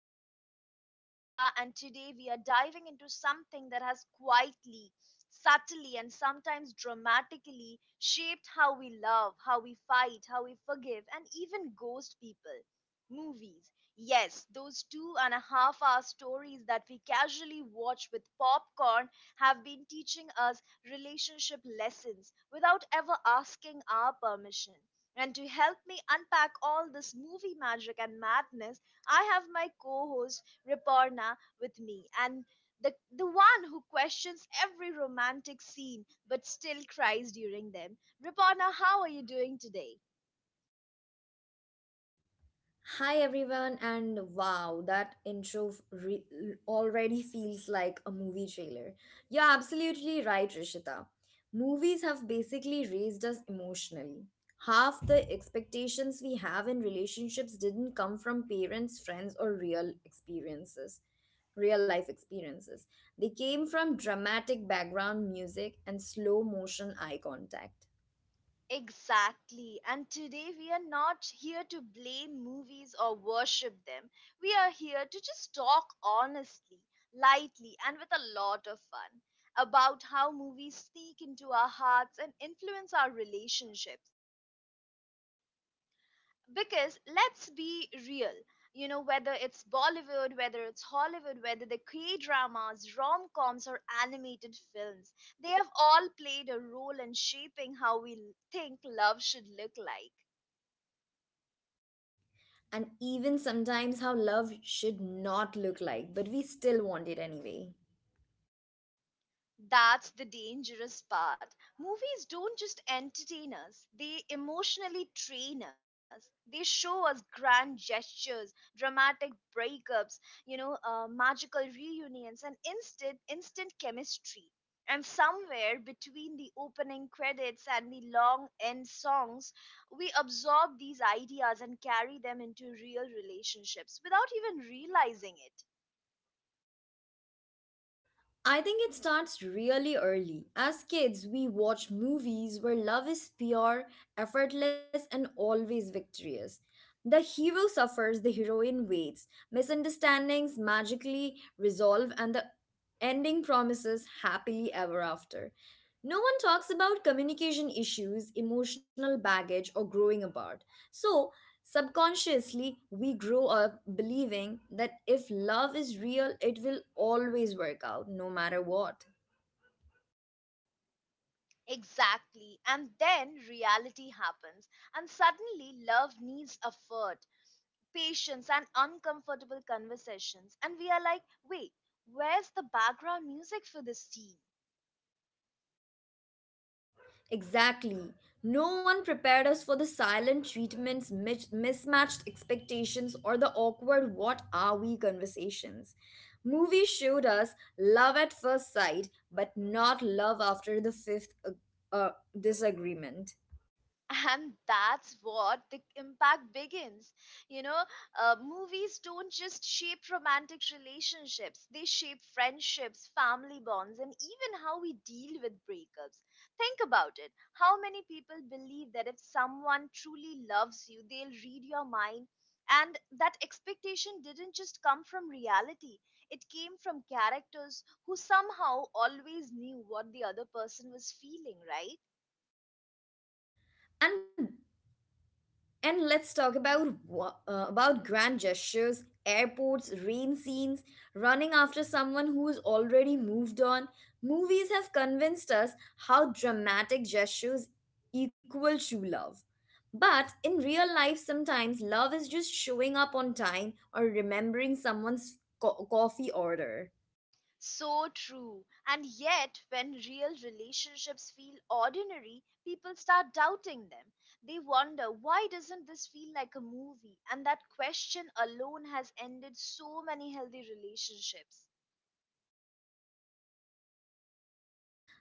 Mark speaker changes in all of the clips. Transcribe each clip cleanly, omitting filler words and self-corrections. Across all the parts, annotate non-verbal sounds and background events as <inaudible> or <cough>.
Speaker 1: I am your host Rishita, and today we are diving into something that has quietly, subtly, and sometimes dramatically shaped how we love, how we fight, how we forgive, and even ghost people. Movies. Yes, those 2.5 hour stories that we casually watch with popcorn have been teaching us relationship lessons without ever asking our permission. And to help me unpack all this movie magic and madness, I have my co host Riparna with me. And the one who questions every romantic scene but still cries during them. Riparna, how are you doing today?
Speaker 2: Hi everyone, and wow, that intro already feels like a movie trailer. You're absolutely right, Rishita. Movies have basically raised us emotionally. Half the expectations we have in relationships didn't come from parents, friends, or real life experiences. They came from dramatic background music and slow motion eye contact.
Speaker 1: Exactly. And today we are not here to blame movies or worship them. We are here to just talk honestly, lightly, and with a lot of fun about how movies sneak into our hearts and influence our relationships. Because let's be real, you know, whether it's Bollywood, whether it's Hollywood, whether the K dramas, rom coms, or animated films, they have all played a role in shaping how we think love should look like.
Speaker 2: And even sometimes how love should not look like, but we still want it anyway.
Speaker 1: That's the dangerous part. Movies don't just entertain us, they emotionally train us. They show us grand gestures, dramatic breakups, you know, magical reunions, and instant chemistry. And somewhere between the opening credits and the long end songs, we absorb these ideas and carry them into real relationships without even realizing it.
Speaker 2: I think it starts really early. As kids, we watch movies where love is pure, effortless, and always victorious. The hero suffers, the heroine waits. Misunderstandings magically resolve, and the ending promises happily ever after. No one talks about communication issues, emotional baggage, or growing apart. So, subconsciously, we grow up believing that if love is real, it will always work out, no matter what.
Speaker 1: Exactly. And then reality happens, and suddenly love needs effort, patience, and uncomfortable conversations. And we are like, wait, where's the background music for this scene?
Speaker 2: Exactly. No one prepared us for the silent treatments, mismatched expectations, or the awkward what are we conversations. Movies showed us love at first sight, but not love after the fifth uh, uh, disagreement.
Speaker 1: And that's what the impact begins, you know. Movies don't just shape romantic relationships, they shape friendships, family bonds, and even how we deal with breakups. Think about it. How many people believe that if someone truly loves you, they'll read your mind? And that expectation didn't just come from reality, it came from characters who somehow always knew what the other person was feeling, right?
Speaker 2: And And let's talk about about grand gestures, airports, rain scenes, running after someone who's already moved on. Movies have convinced us how dramatic gestures equal true love. But in real life, sometimes love is just showing up on time or remembering someone's coffee order.
Speaker 1: So true. And yet, when real relationships feel ordinary, people start doubting them. They wonder, why doesn't this feel like a movie? And that question alone has ended so many healthy relationships.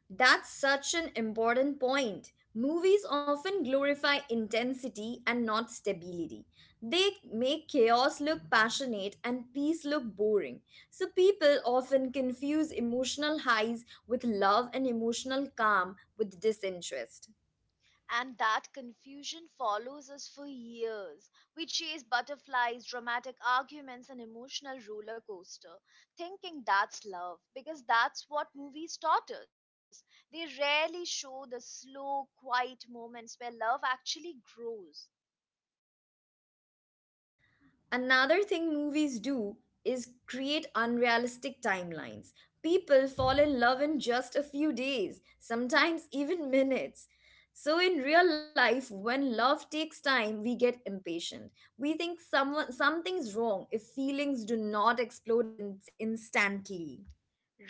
Speaker 2: That's such an important point. Movies often glorify intensity and not stability. They make chaos look passionate and peace look boring. So people often confuse emotional highs with love and emotional calm with disinterest.
Speaker 1: And that confusion follows us for years. We chase butterflies, dramatic arguments, and emotional roller coaster, thinking that's love because that's what movies taught us. They rarely show the slow, quiet moments where love actually grows.
Speaker 2: Another thing movies do is create unrealistic timelines. People fall in love in just a few days, sometimes even <laughs> minutes. So in real life, when love takes time, we get impatient. We think someone something's wrong if feelings do not explode instantly.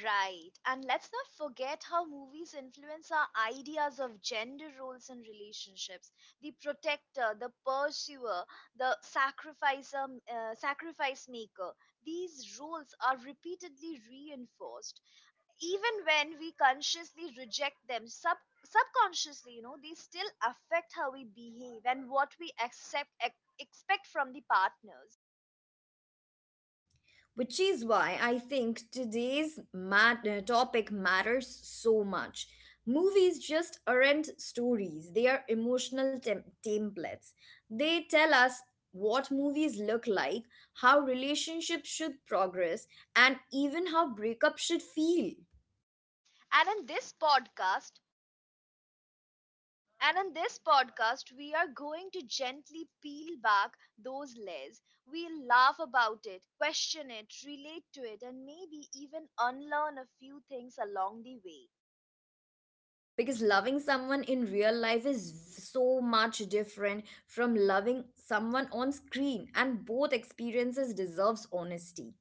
Speaker 1: Right. And let's not forget how movies influence our ideas of gender roles and relationships. The protector, the pursuer, the sacrificer, sacrifice maker. These roles are repeatedly reinforced. Even when we consciously reject them, subconsciously, you know, they still affect how we behave and what we accept, expect from the partners.
Speaker 2: Which is why I think today's topic matters so much. Movies just aren't stories, they are emotional templates. They tell us what movies look like, how relationships should progress, and even how breakup should feel.
Speaker 1: And in this podcast, And in this podcast, we are going to gently peel back those layers. We'll laugh about it, question it, relate to it, and maybe even unlearn a few things along the way.
Speaker 2: Because loving someone in real life is so much different from loving someone on screen, and both experiences deserves honesty.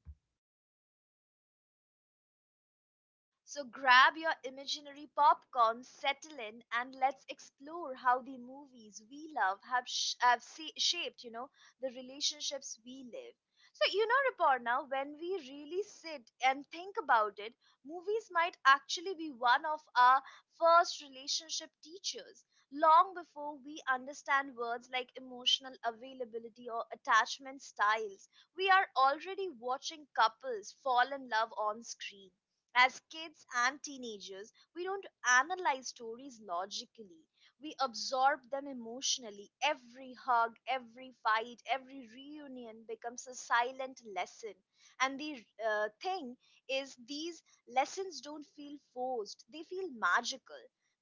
Speaker 1: So grab your imaginary popcorn, settle in, and let's explore how the movies we love have, shaped, you know, the relationships we live. So, you know, Riporna, when we really sit and think about it, movies might actually be one of our first relationship teachers, long before we understand words like emotional availability or attachment styles. We are already watching couples fall in love on screen. As kids and teenagers, we don't analyze stories logically. We absorb them emotionally. Every hug, every fight, every reunion becomes a silent lesson. And the thing is, these lessons don't feel forced, they feel magical.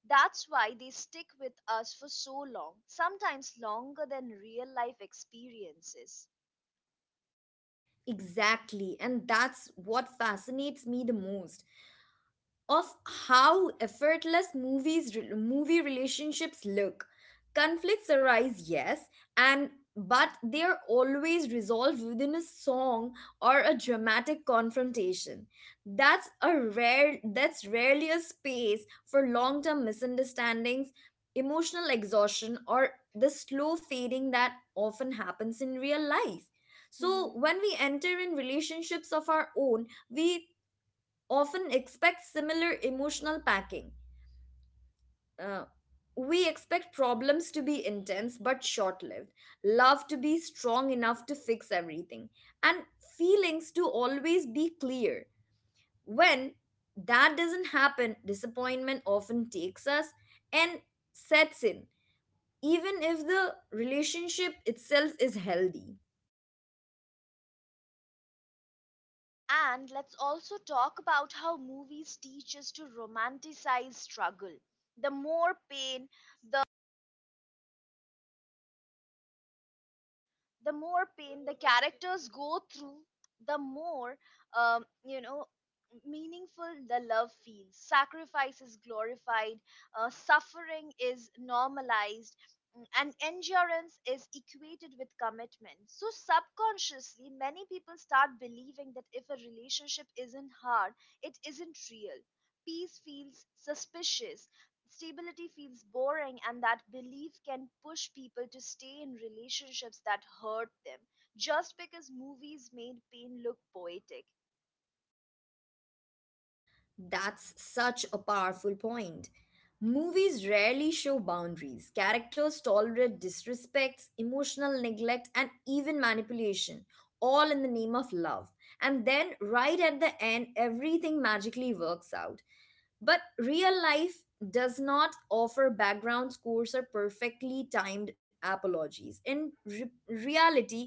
Speaker 1: That's why they stick with us for so long, sometimes longer than real life experiences.
Speaker 2: Exactly. And that's what fascinates me the most of how effortless movie relationships look, conflicts arise, yes, and but they are always resolved within a song or a dramatic confrontation. That's rarely a space for long-term misunderstandings, emotional exhaustion, or the slow fading that often happens in real life. So when we enter in relationships of our own, we often expect similar emotional packing. Uh, we expect problems to be intense but short lived, love to be strong enough to fix everything, and feelings to always be clear. When that doesn't happen, disappointment often takes us and sets in, even if the relationship itself is healthy.
Speaker 1: And let's also talk about how movies teach us to romanticize struggle. The more pain, the more pain the characters go through, the more, you know, meaningful the love feels. Sacrifice is glorified, suffering is normalized, and endurance is equated with commitment. So, subconsciously, many people start believing that if a relationship isn't hard, it isn't real. Peace feels suspicious, stability feels boring, and that belief can push people to stay in relationships that hurt them just because movies made pain look poetic.
Speaker 2: That's such a powerful point. Movies rarely show boundaries. Characters tolerate disrespects, emotional neglect, and even manipulation, all in the name of love. And then, right at the end, everything magically works out. But real life does not offer background scores or perfectly timed apologies. In reality,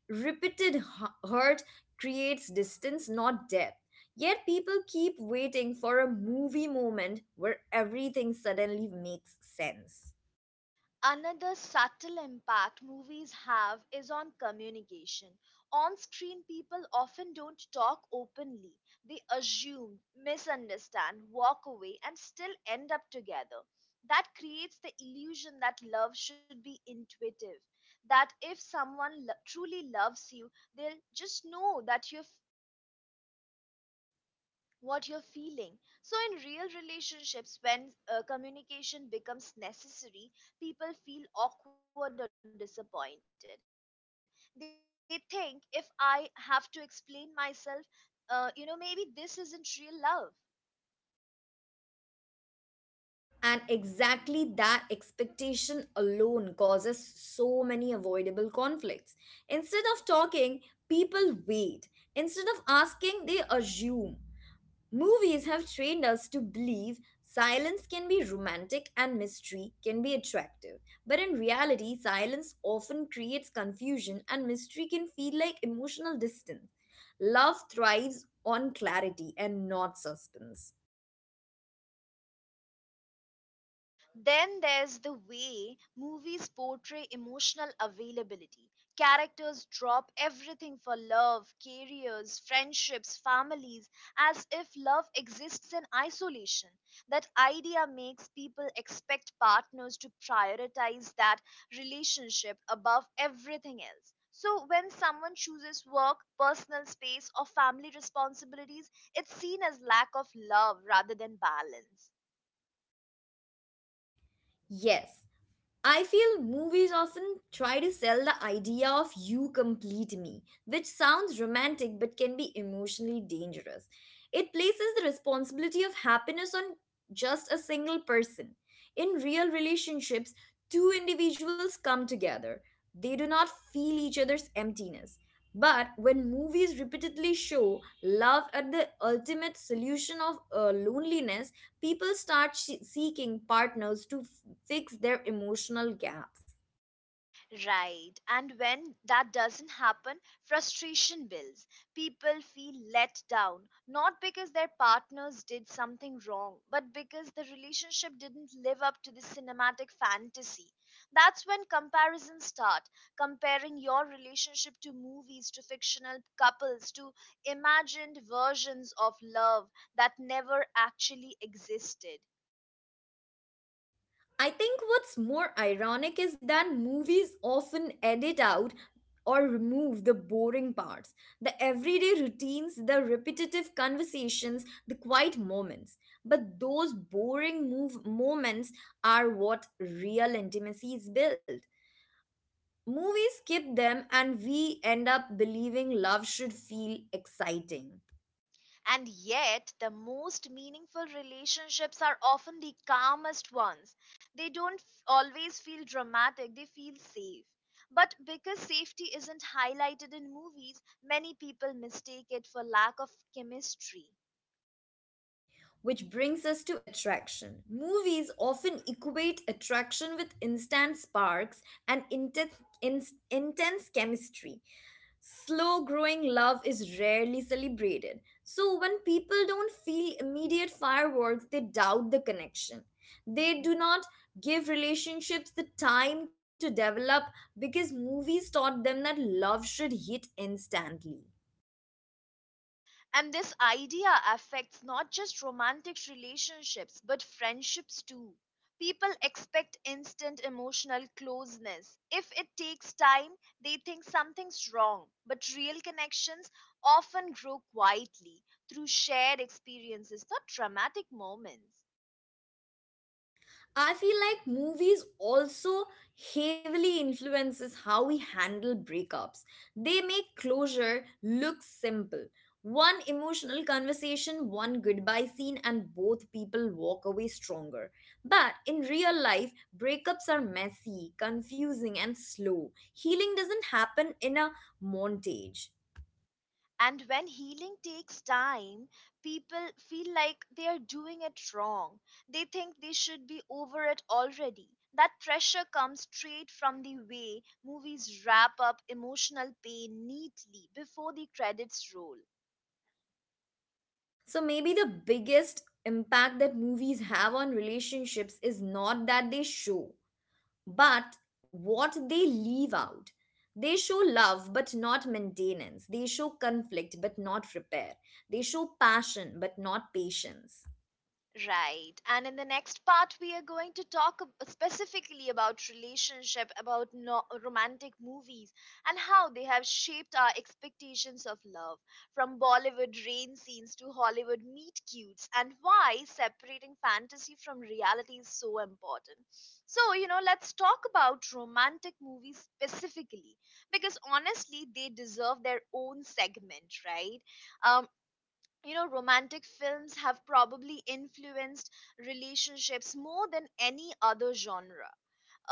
Speaker 2: repeated hurt creates distance, not depth. Yet people keep waiting for a movie moment where everything suddenly makes sense.
Speaker 1: Another subtle impact movies have is on communication. On screen, people often don't talk openly. They assume, misunderstand, walk away, and still end up together. That creates the illusion that love should be intuitive. That if truly loves you, they'll just know that you're what you're feeling. So, in real relationships, when communication becomes necessary, people feel awkward or disappointed. They think if I have to explain myself, you know, maybe this isn't real love.
Speaker 2: And exactly that expectation alone causes so many avoidable conflicts. Instead of talking, people wait. Instead of asking, they assume. Movies have trained us to believe silence can be romantic and mystery can be attractive. But in reality, silence often creates confusion and mystery can feel like emotional distance. Love thrives on clarity and not suspense.
Speaker 1: Then there's the way movies portray emotional availability. Characters drop everything for love, careers, friendships, families, as if love exists in isolation. That idea makes people expect partners to prioritize that relationship above everything else. So, when someone chooses work, personal space, or family responsibilities, it's seen as lack of love rather than balance.
Speaker 2: Yes, I feel movies often try to sell the idea of you complete me, which sounds romantic but can be emotionally dangerous. It places the responsibility of happiness on just a single person. In real relationships, two individuals come together. They do not feel each other's emptiness. But when movies repeatedly show love as the ultimate solution of loneliness, people start seeking partners to fix their emotional gaps.
Speaker 1: Right. And when that doesn't happen, frustration builds. People feel let down, not because their partners did something wrong, but because the relationship didn't live up to the cinematic fantasy. That's when comparisons start. Comparing your relationship to movies, to fictional couples, to imagined versions of love that never actually existed.
Speaker 2: I think what's more ironic is that movies often edit out or remove the boring parts, the everyday routines, the repetitive conversations, the quiet moments. But those boring move moments are what real intimacy is built. Movies skip them and we end up believing love should feel exciting.
Speaker 1: And yet, the most meaningful relationships are often the calmest ones. They don't f- always feel dramatic, they feel safe. But because safety isn't highlighted in movies, many people mistake it for lack of chemistry.
Speaker 2: Which brings us to attraction. Movies often equate attraction with instant sparks and in, intense chemistry. Slow growing love is rarely celebrated. So, when people don't feel immediate fireworks, they doubt the connection. They do not give relationships the time to develop because movies taught them that love should hit instantly.
Speaker 1: And this idea affects not just romantic relationships, but friendships too. People expect instant emotional closeness. If it takes time, they think something's wrong. But real connections often grow quietly through shared experiences, not dramatic moments.
Speaker 2: I feel like movies also heavily influences how we handle breakups. They make closure look simple. One emotional conversation, one goodbye scene, and both people walk away stronger. But in real life, breakups are messy, confusing, and slow. Healing doesn't happen in a montage.
Speaker 1: And when healing takes time, people feel like they are doing it wrong. They think they should be over it already. That pressure comes straight from the way movies wrap up emotional pain neatly before the credits roll.
Speaker 2: So maybe the biggest impact that movies have on relationships is not that they show, but what they leave out. They show love but not maintenance. They show conflict but not repair. They show passion but not patience.
Speaker 1: Right. And in the next part, we are going to specifically about relationship, about romantic movies, and how they have shaped our expectations of love, from Bollywood rain scenes to Hollywood meet cutes, and why separating fantasy from reality is so important. So, you know, let's talk about romantic movies specifically, because honestly, they deserve their own segment, right? Um, you know, romantic films have probably influenced relationships more than any other genre.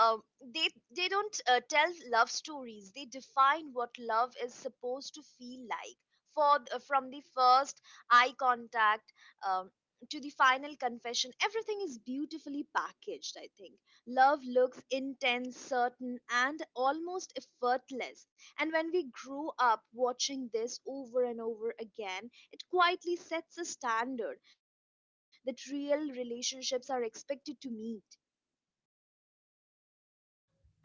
Speaker 1: um, they they don't tell love stories, they define what love is supposed to feel like for from the first eye contact, um, to the final confession. Everything is beautifully packaged. I think love looks intense, certain, and almost effortless, and when we grow up watching this over and over again, it quietly sets a standard that real relationships are expected to meet.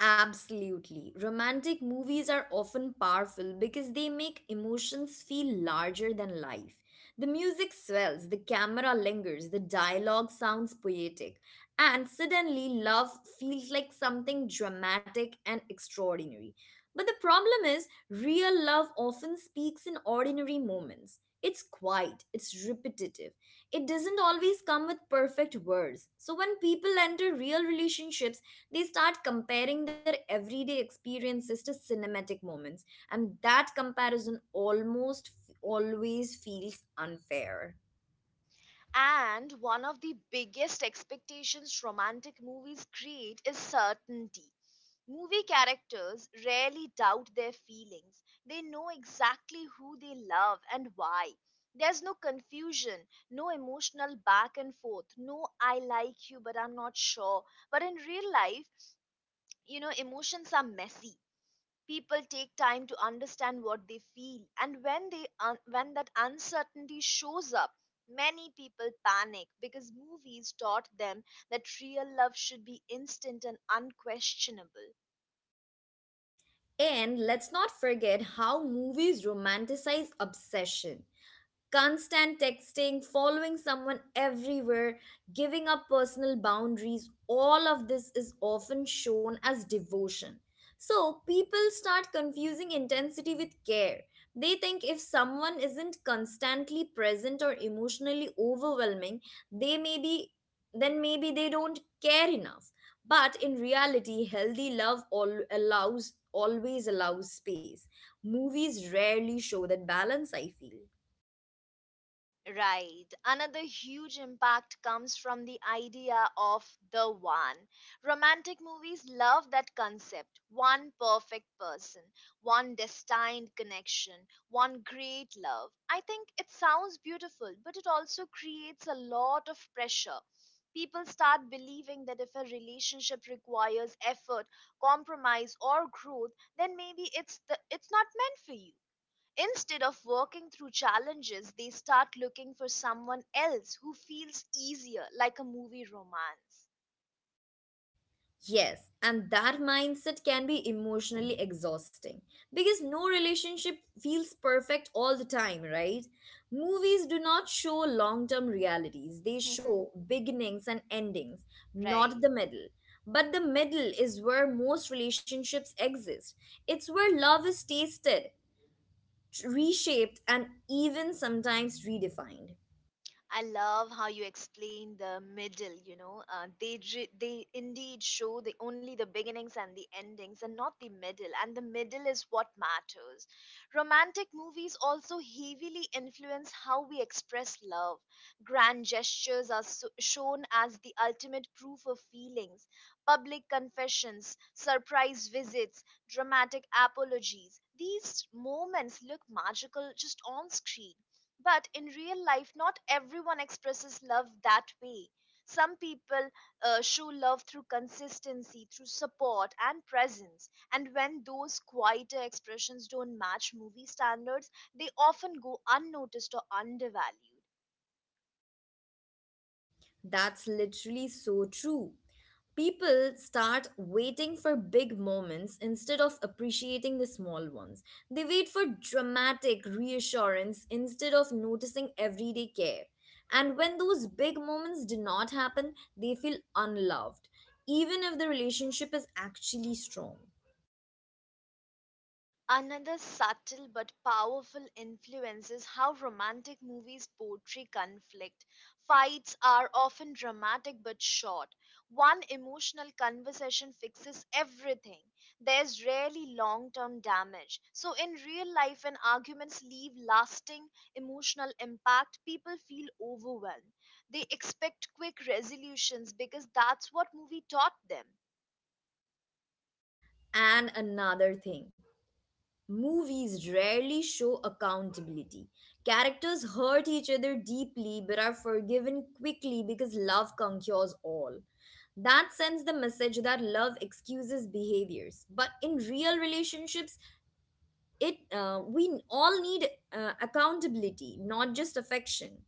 Speaker 2: Absolutely. Romantic movies are often powerful because they make emotions feel larger than life. The music swells, the camera lingers, the dialogue sounds poetic, and suddenly love feels like something dramatic and extraordinary. But the problem is, real love often speaks in ordinary moments. It's quiet, it's repetitive. It doesn't always come with perfect words. So when people enter real relationships, they start comparing their everyday experiences to cinematic moments, and that comparison almost always feels unfair.
Speaker 1: And one of the biggest expectations romantic movies create is certainty. Movie characters rarely doubt their feelings. They know exactly who they love and why. There's no confusion, no emotional back and forth, no I like you but I'm not sure. But in real life, you know, emotions are messy. People take time to understand what they feel, and when when that uncertainty shows up, many people panic because movies taught them that real love should be instant and unquestionable.
Speaker 2: And let's not forget how movies romanticize obsession. Constant texting, following someone everywhere, giving up personal boundaries, all of this is often shown as devotion. So people start confusing intensity with care. They think if someone isn't constantly present or emotionally overwhelming, they may be then maybe they don't care enough. But in reality, healthy love all allows always allows space. Movies rarely show that balance, I feel.
Speaker 1: Right. Another huge impact comes from the idea of the one. Romantic movies love that concept. One perfect person, one destined connection, one great love. I think it sounds beautiful, but it also creates a lot of pressure. People start believing that if a relationship requires effort, compromise, or growth, then it's not meant for you. Instead of working through challenges, they start looking for someone else who feels easier, like a movie romance.
Speaker 2: Yes, and that mindset can be emotionally exhausting because no relationship feels perfect all the time, right? Movies do not show long term realities, they
Speaker 1: Mhm.
Speaker 2: show beginnings and endings, not
Speaker 1: Right?
Speaker 2: the middle. But the middle is where most relationships exist. It's where love is tasted, reshaped, and even sometimes redefined.
Speaker 1: I love how you explain the middle. You know, they indeed show the only the beginnings and the endings, and not the middle. And the middle is what matters. Romantic movies also heavily influence how we express love. Grand gestures are shown as the ultimate proof of feelings. Public confessions, surprise visits, dramatic apologies. These moments look magical just on screen, but in real life, not everyone expresses love that way. Some people show love through consistency, through support and presence. And when those quieter expressions don't match movie standards, they often go unnoticed or undervalued.
Speaker 2: That's literally so true. People start waiting for big moments instead of appreciating the small ones. They wait for dramatic reassurance instead of noticing everyday care. And when those big moments do not happen, they feel unloved, even if the relationship is actually strong.
Speaker 1: Another subtle but powerful influence is how romantic movies portray conflict. Fights are often dramatic but short. One emotional conversation fixes everything. There's rarely long term damage. So, in real life, when arguments leave lasting emotional impact, people feel overwhelmed. They expect quick resolutions because that's what movie taught them.
Speaker 2: And another thing. Movies rarely show accountability. Characters hurt each other deeply but are forgiven quickly because love conquers all. That sends the message that love excuses behaviors. But in real relationships, it we all need accountability, not just affection.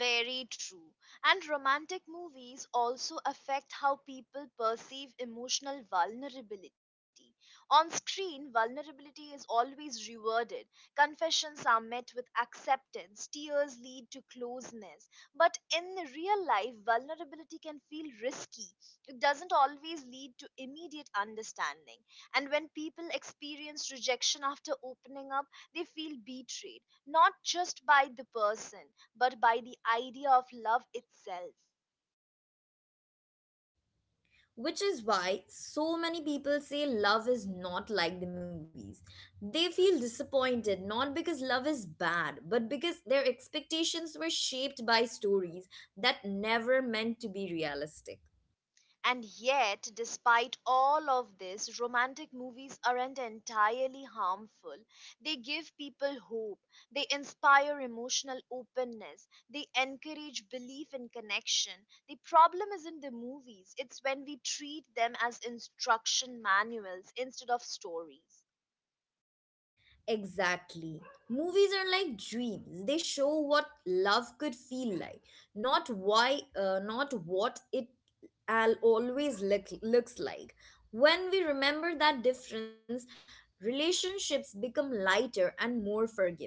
Speaker 1: Very true. And romantic movies also affect how people perceive emotional vulnerability. On screen, vulnerability is always rewarded. Confessions are met with acceptance, tears lead to closeness. But in real life, vulnerability can feel risky. It doesn't always lead to immediate understanding. And when people experience rejection after opening up, they feel betrayed not just by the person, but by the idea of love itself.
Speaker 2: Which is why so many people say love is not like the movies. They feel disappointed not because love is bad, but because their expectations were shaped by stories that never meant to be realistic.
Speaker 1: And yet, despite all of this, romantic movies aren't entirely harmful. They give people hope, they inspire emotional openness, they encourage belief in connection. The problem isn't the movies, it's when we treat them as instruction manuals instead of stories.
Speaker 2: Exactly. Movies are like dreams. They show what love could feel like, not what it looks like. When we remember that difference, relationships become lighter and more forgiving.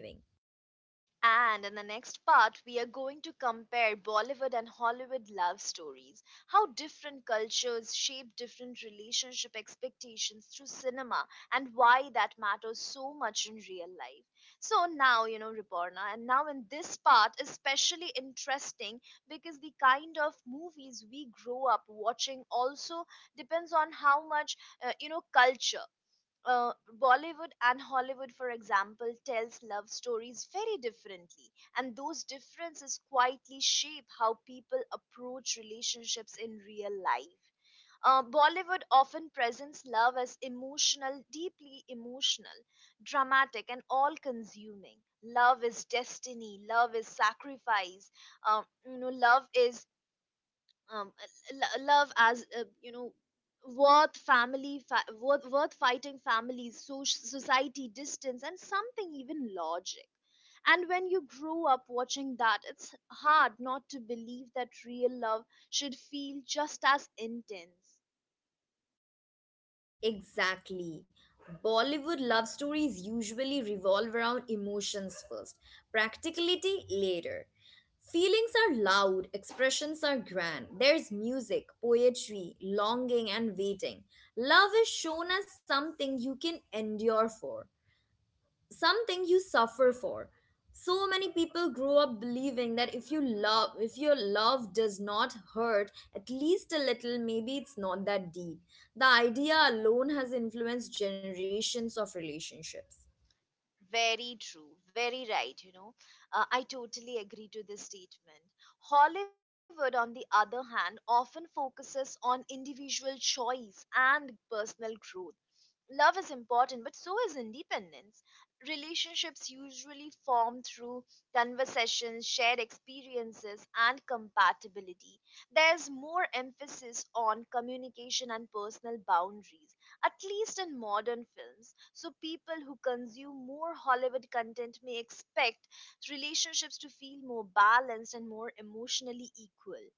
Speaker 1: And in the next part, we are going to compare Bollywood and Hollywood love stories, how different cultures shape different relationship expectations through cinema, and why that matters so much in real life. So, now, Riporna, and now in this part, especially interesting because the kind of movies we grow up watching also depends on how much, culture uh, Bollywood and Hollywood, for example, tells love stories very differently, and those differences quietly shape how people approach relationships in real life. Bollywood often presents love as emotional, deeply emotional, dramatic, and all consuming. Love is destiny, love is sacrifice, um, you know, love is um, love as worth family worth fighting families society distance and something even logic. And when you grow up watching that, it's hard not to believe that real love should feel just as intense.
Speaker 2: Exactly. Bollywood love stories usually revolve around emotions first, practicality later. Feelings are loud, expressions are grand. There's music, poetry, longing, and waiting. Love is shown as something you can endure for, something you suffer for. So many people grow up believing that if your love does not hurt at least a little, maybe it's not that deep. The idea alone has influenced generations of relationships.
Speaker 1: Very true, very right, I totally agree to this statement. Hollywood, on the other hand, often focuses on individual choice and personal growth. Love is important, but so is independence. Relationships usually form through conversations, shared experiences, and compatibility. There's more emphasis on communication and personal boundaries, at least in modern films. So, people who consume more Hollywood content may expect relationships to feel more balanced and more emotionally equal.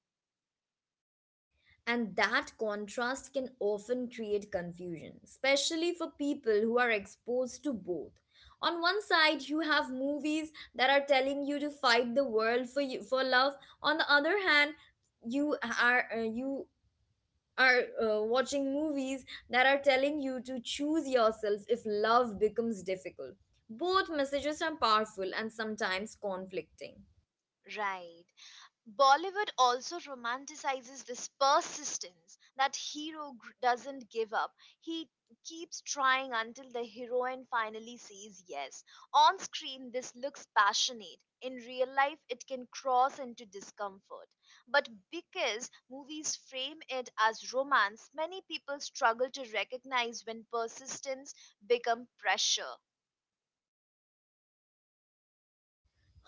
Speaker 2: And that contrast can often create confusion, especially for people who are exposed to both. On one side, you have movies that are telling you to fight the world for love. On the other hand, you are watching movies that are telling you to choose yourself if love becomes difficult. Both messages are powerful and sometimes conflicting.
Speaker 1: Right. Bollywood also romanticizes this persistence that doesn't give up. He keeps trying until the heroine finally says yes. On screen, this looks passionate. In real life, it can cross into discomfort. But because movies frame it as romance, many people struggle to recognize when persistence becomes pressure.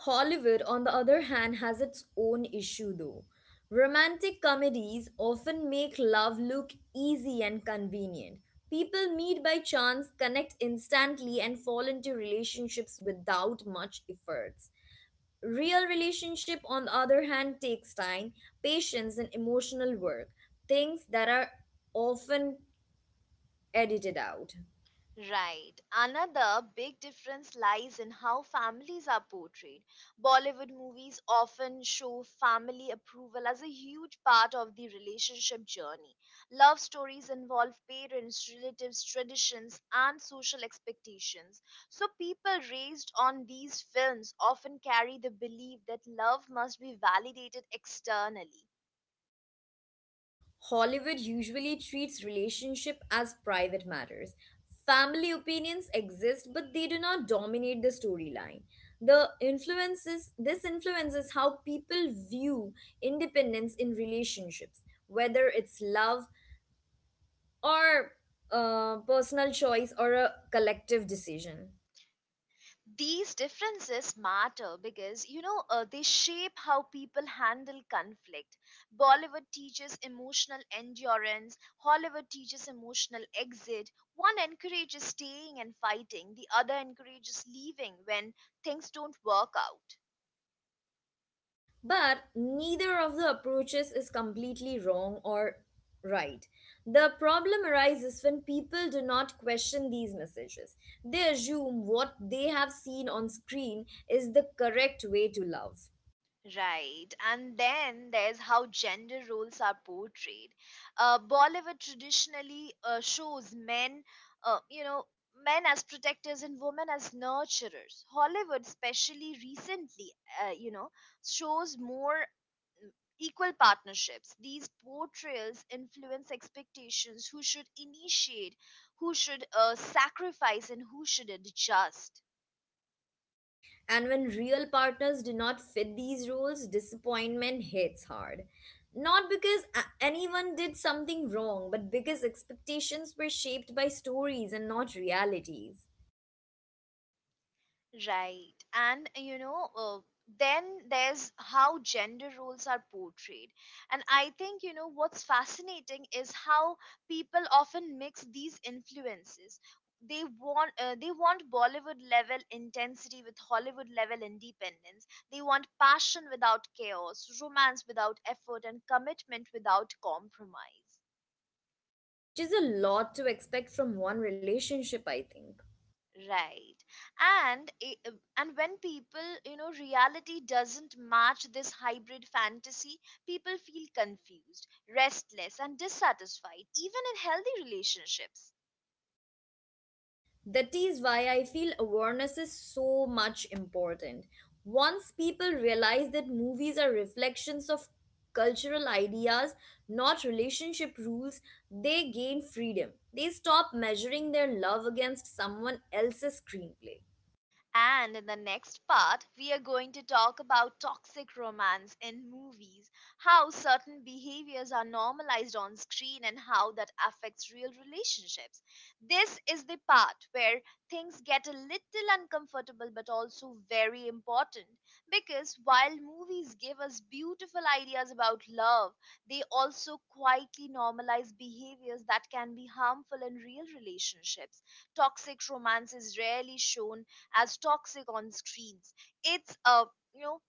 Speaker 2: Hollywood, on the other hand, has its own issue though. Romantic comedies often make love look easy and convenient. People meet by chance, connect instantly, and fall into relationships without much effort. Real relationship, on the other hand, takes time, patience, and emotional work, things that are often edited out.
Speaker 1: Right. Another big difference lies in how families are portrayed. Bollywood movies often show family approval as a huge part of the relationship journey. Love stories involve parents, relatives, traditions, and social expectations. So, people raised on these films often carry the belief that love must be validated externally.
Speaker 2: Hollywood usually treats relationship as private matters. Family opinions exist, but they do not dominate the storyline. The influences this influences how people view independence in relationships, whether it's love or personal choice or a collective decision.
Speaker 1: These differences matter because, they shape how people handle conflict. Bollywood teaches emotional endurance, Hollywood teaches emotional exit. One encourages staying and fighting, the other encourages leaving when things don't work out.
Speaker 2: But neither of the approaches is completely wrong or right. The problem arises when people do not question these messages. They assume what they have seen on screen is the correct way to love.
Speaker 1: Right. And then there's how gender roles are portrayed. Bollywood traditionally shows uh, you know, men as protectors and women as nurturers. Hollywood, especially recently, uh, you know, shows more equal partnerships. These portrayals influence expectations who should initiate, who should sacrifice, and who should adjust.
Speaker 2: And when real partners do not fit these roles, disappointment hits hard. Not because anyone did something wrong, but because expectations were shaped by stories and not realities.
Speaker 1: Right. And then there's how gender roles are portrayed. And I think, what's fascinating is how people often mix these influences. They want Bollywood level intensity with Hollywood level independence. They want passion without chaos, romance without effort, and commitment without compromise.
Speaker 2: Which is a lot to expect from one relationship, I think.
Speaker 1: Right. And i- uh, and when reality doesn't match this hybrid fantasy, people feel confused, restless, and dissatisfied, even in healthy relationships.
Speaker 2: That is why I feel awareness is so much important. Once people realize that movies are reflections of cultural ideas, not relationship rules, they gain freedom. They stop measuring their love against someone else's screenplay.
Speaker 1: And in the next part, we are going to talk about toxic romance in movies, how certain behaviors are normalized on screen, and how that affects real relationships. This is the part where things get a little uncomfortable but also very important, because while movies give us beautiful ideas about love, they also quietly normalize behaviors that can be harmful in real relationships. Toxic romance is rarely shown as toxic on screens. It's you know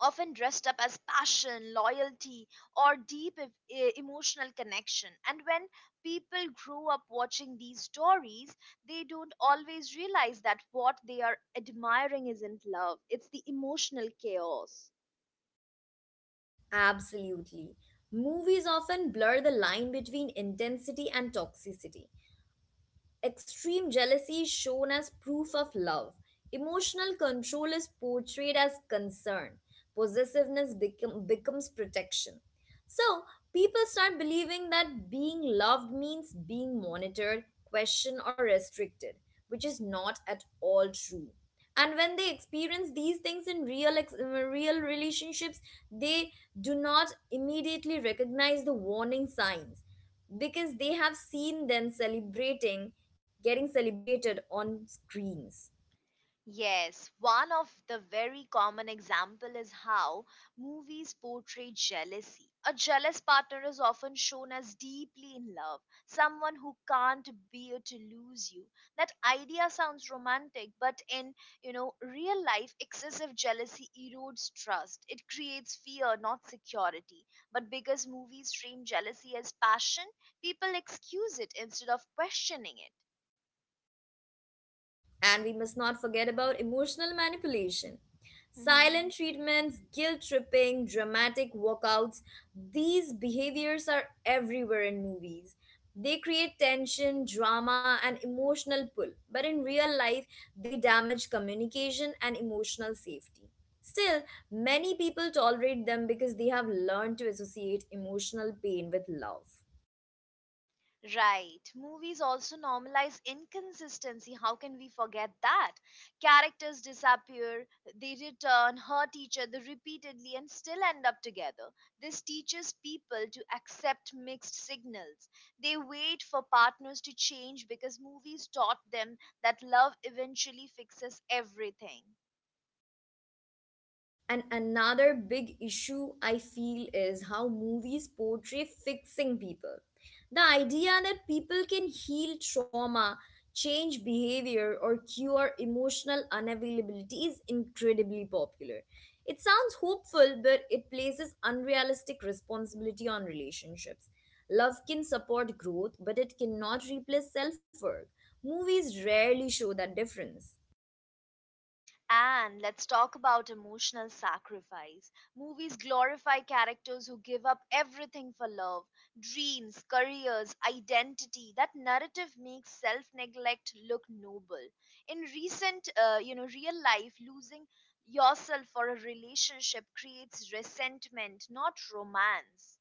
Speaker 1: often dressed up as passion, loyalty, or deep emotional connection. And when people grow up watching these stories, they don't always realize that what they are admiring isn't love; it's the emotional chaos.
Speaker 2: Absolutely. Movies often blur the line between intensity and toxicity. Extreme jealousy is shown as proof of love. Emotional control is portrayed as concern. Possessiveness becomes protection. So, people start believing that being loved means being monitored, questioned, or restricted, which is not at all true, and when they experience these things in real relationships, they do not immediately recognize the warning signs because they have seen them celebrating getting celebrated on screens.
Speaker 1: Yes, one of the very common example is how movies portray jealousy. A jealous partner is often shown as deeply in love, someone who can't bear to lose you. That idea sounds romantic, but in, real life, excessive jealousy erodes trust. It creates fear, not security. But because movies frame jealousy as passion, people excuse it instead of questioning
Speaker 2: And we must not forget about emotional manipulation.
Speaker 1: it.
Speaker 2: Silent treatments, guilt tripping, dramatic walkouts, these behaviors are everywhere in movies. They create tension, drama, and emotional pull, but in real life, they damage communication and emotional safety. Still, many people tolerate them because they have learned to associate emotional pain with love.
Speaker 1: Right. Movies also normalize inconsistency. How can we forget that? Characters disappear, they return, hurt each other repeatedly, and still end up together. This teaches people to accept mixed signals. They wait for partners to change because movies taught them that love eventually fixes everything.
Speaker 2: And another big issue I feel is how movies portray fixing people. The idea that people can heal trauma, change behavior, or cure emotional unavailability is incredibly popular. It sounds hopeful, but it places unrealistic responsibility on relationships. Love can support growth, but it cannot replace self work. Movies rarely show that difference.
Speaker 1: And let's talk about emotional sacrifice. Movies glorify characters who give up everything for love, dreams, careers, identity. That narrative makes self-neglect look noble. In real life, losing yourself for a relationship creates resentment, not romance.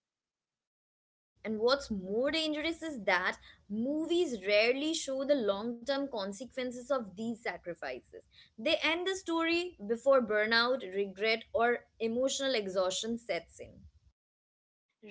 Speaker 2: And what's more dangerous is that movies rarely show the long term consequences of these sacrifices. They end the story before burnout, regret, or emotional exhaustion sets in,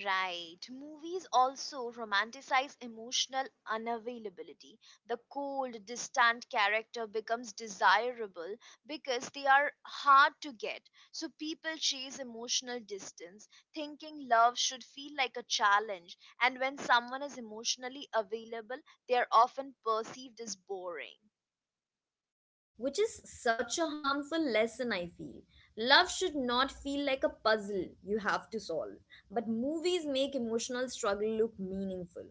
Speaker 1: Right. Movies also romanticize emotional unavailability. The cold, distant character becomes desirable because they are hard to get. So people chase emotional distance, thinking love should feel like a challenge. And when someone is emotionally available, they are often perceived as boring.
Speaker 2: which is such a harmful lesson, I feel. Love should not feel like a puzzle you have to solve, but movies make emotional struggle look meaningful.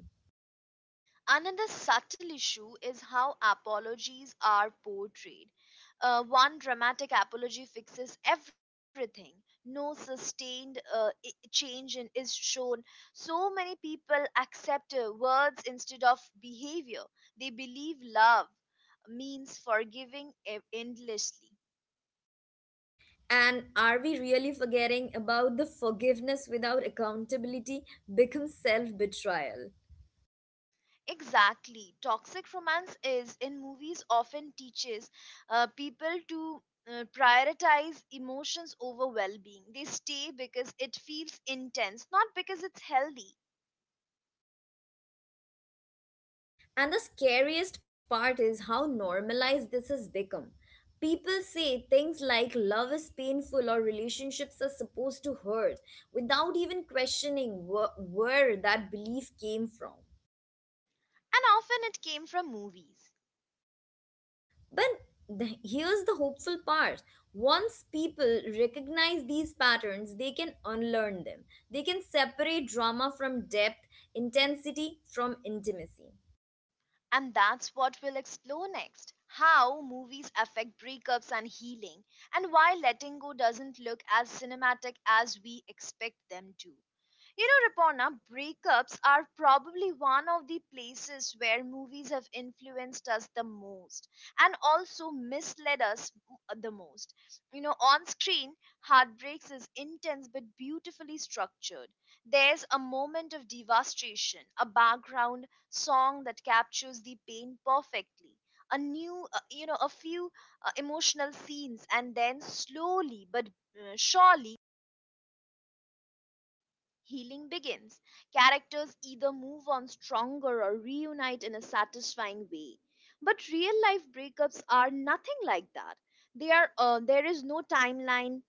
Speaker 1: Another subtle issue is how apologies are portrayed. One dramatic apology fixes everything. No sustained change is shown. So many people accept words instead of behavior. They believe love means forgiving endlessly.
Speaker 2: And are we really forgetting about the forgiveness without accountability becomes self betrayal?
Speaker 1: Exactly. Toxic romance is in movies often teaches people to prioritize emotions over well being. They stay because it feels intense, not because it's healthy.
Speaker 2: And the scariest part is how normalized this has become. People say things like love is painful or relationships are supposed to hurt without even questioning where that belief came from.
Speaker 1: And often it came from movies.
Speaker 2: But the, here's the hopeful part, once people recognize these patterns, they can unlearn them. They can separate drama from depth, intensity from intimacy.
Speaker 1: And that's what we'll explore next: how movies affect breakups and healing, and why letting go doesn't look as cinematic as we expect them to. Rapona, breakups are probably one of the places where movies have influenced us the most, and also misled us the most. On screen, heartbreaks is intense but beautifully structured. There's a moment of devastation, a background song that captures the pain perfectly. A new, you know, a few emotional scenes, and then slowly but surely, healing begins. Characters either move on stronger or reunite in a satisfying way. But real life breakups are nothing like that. There is no timeline,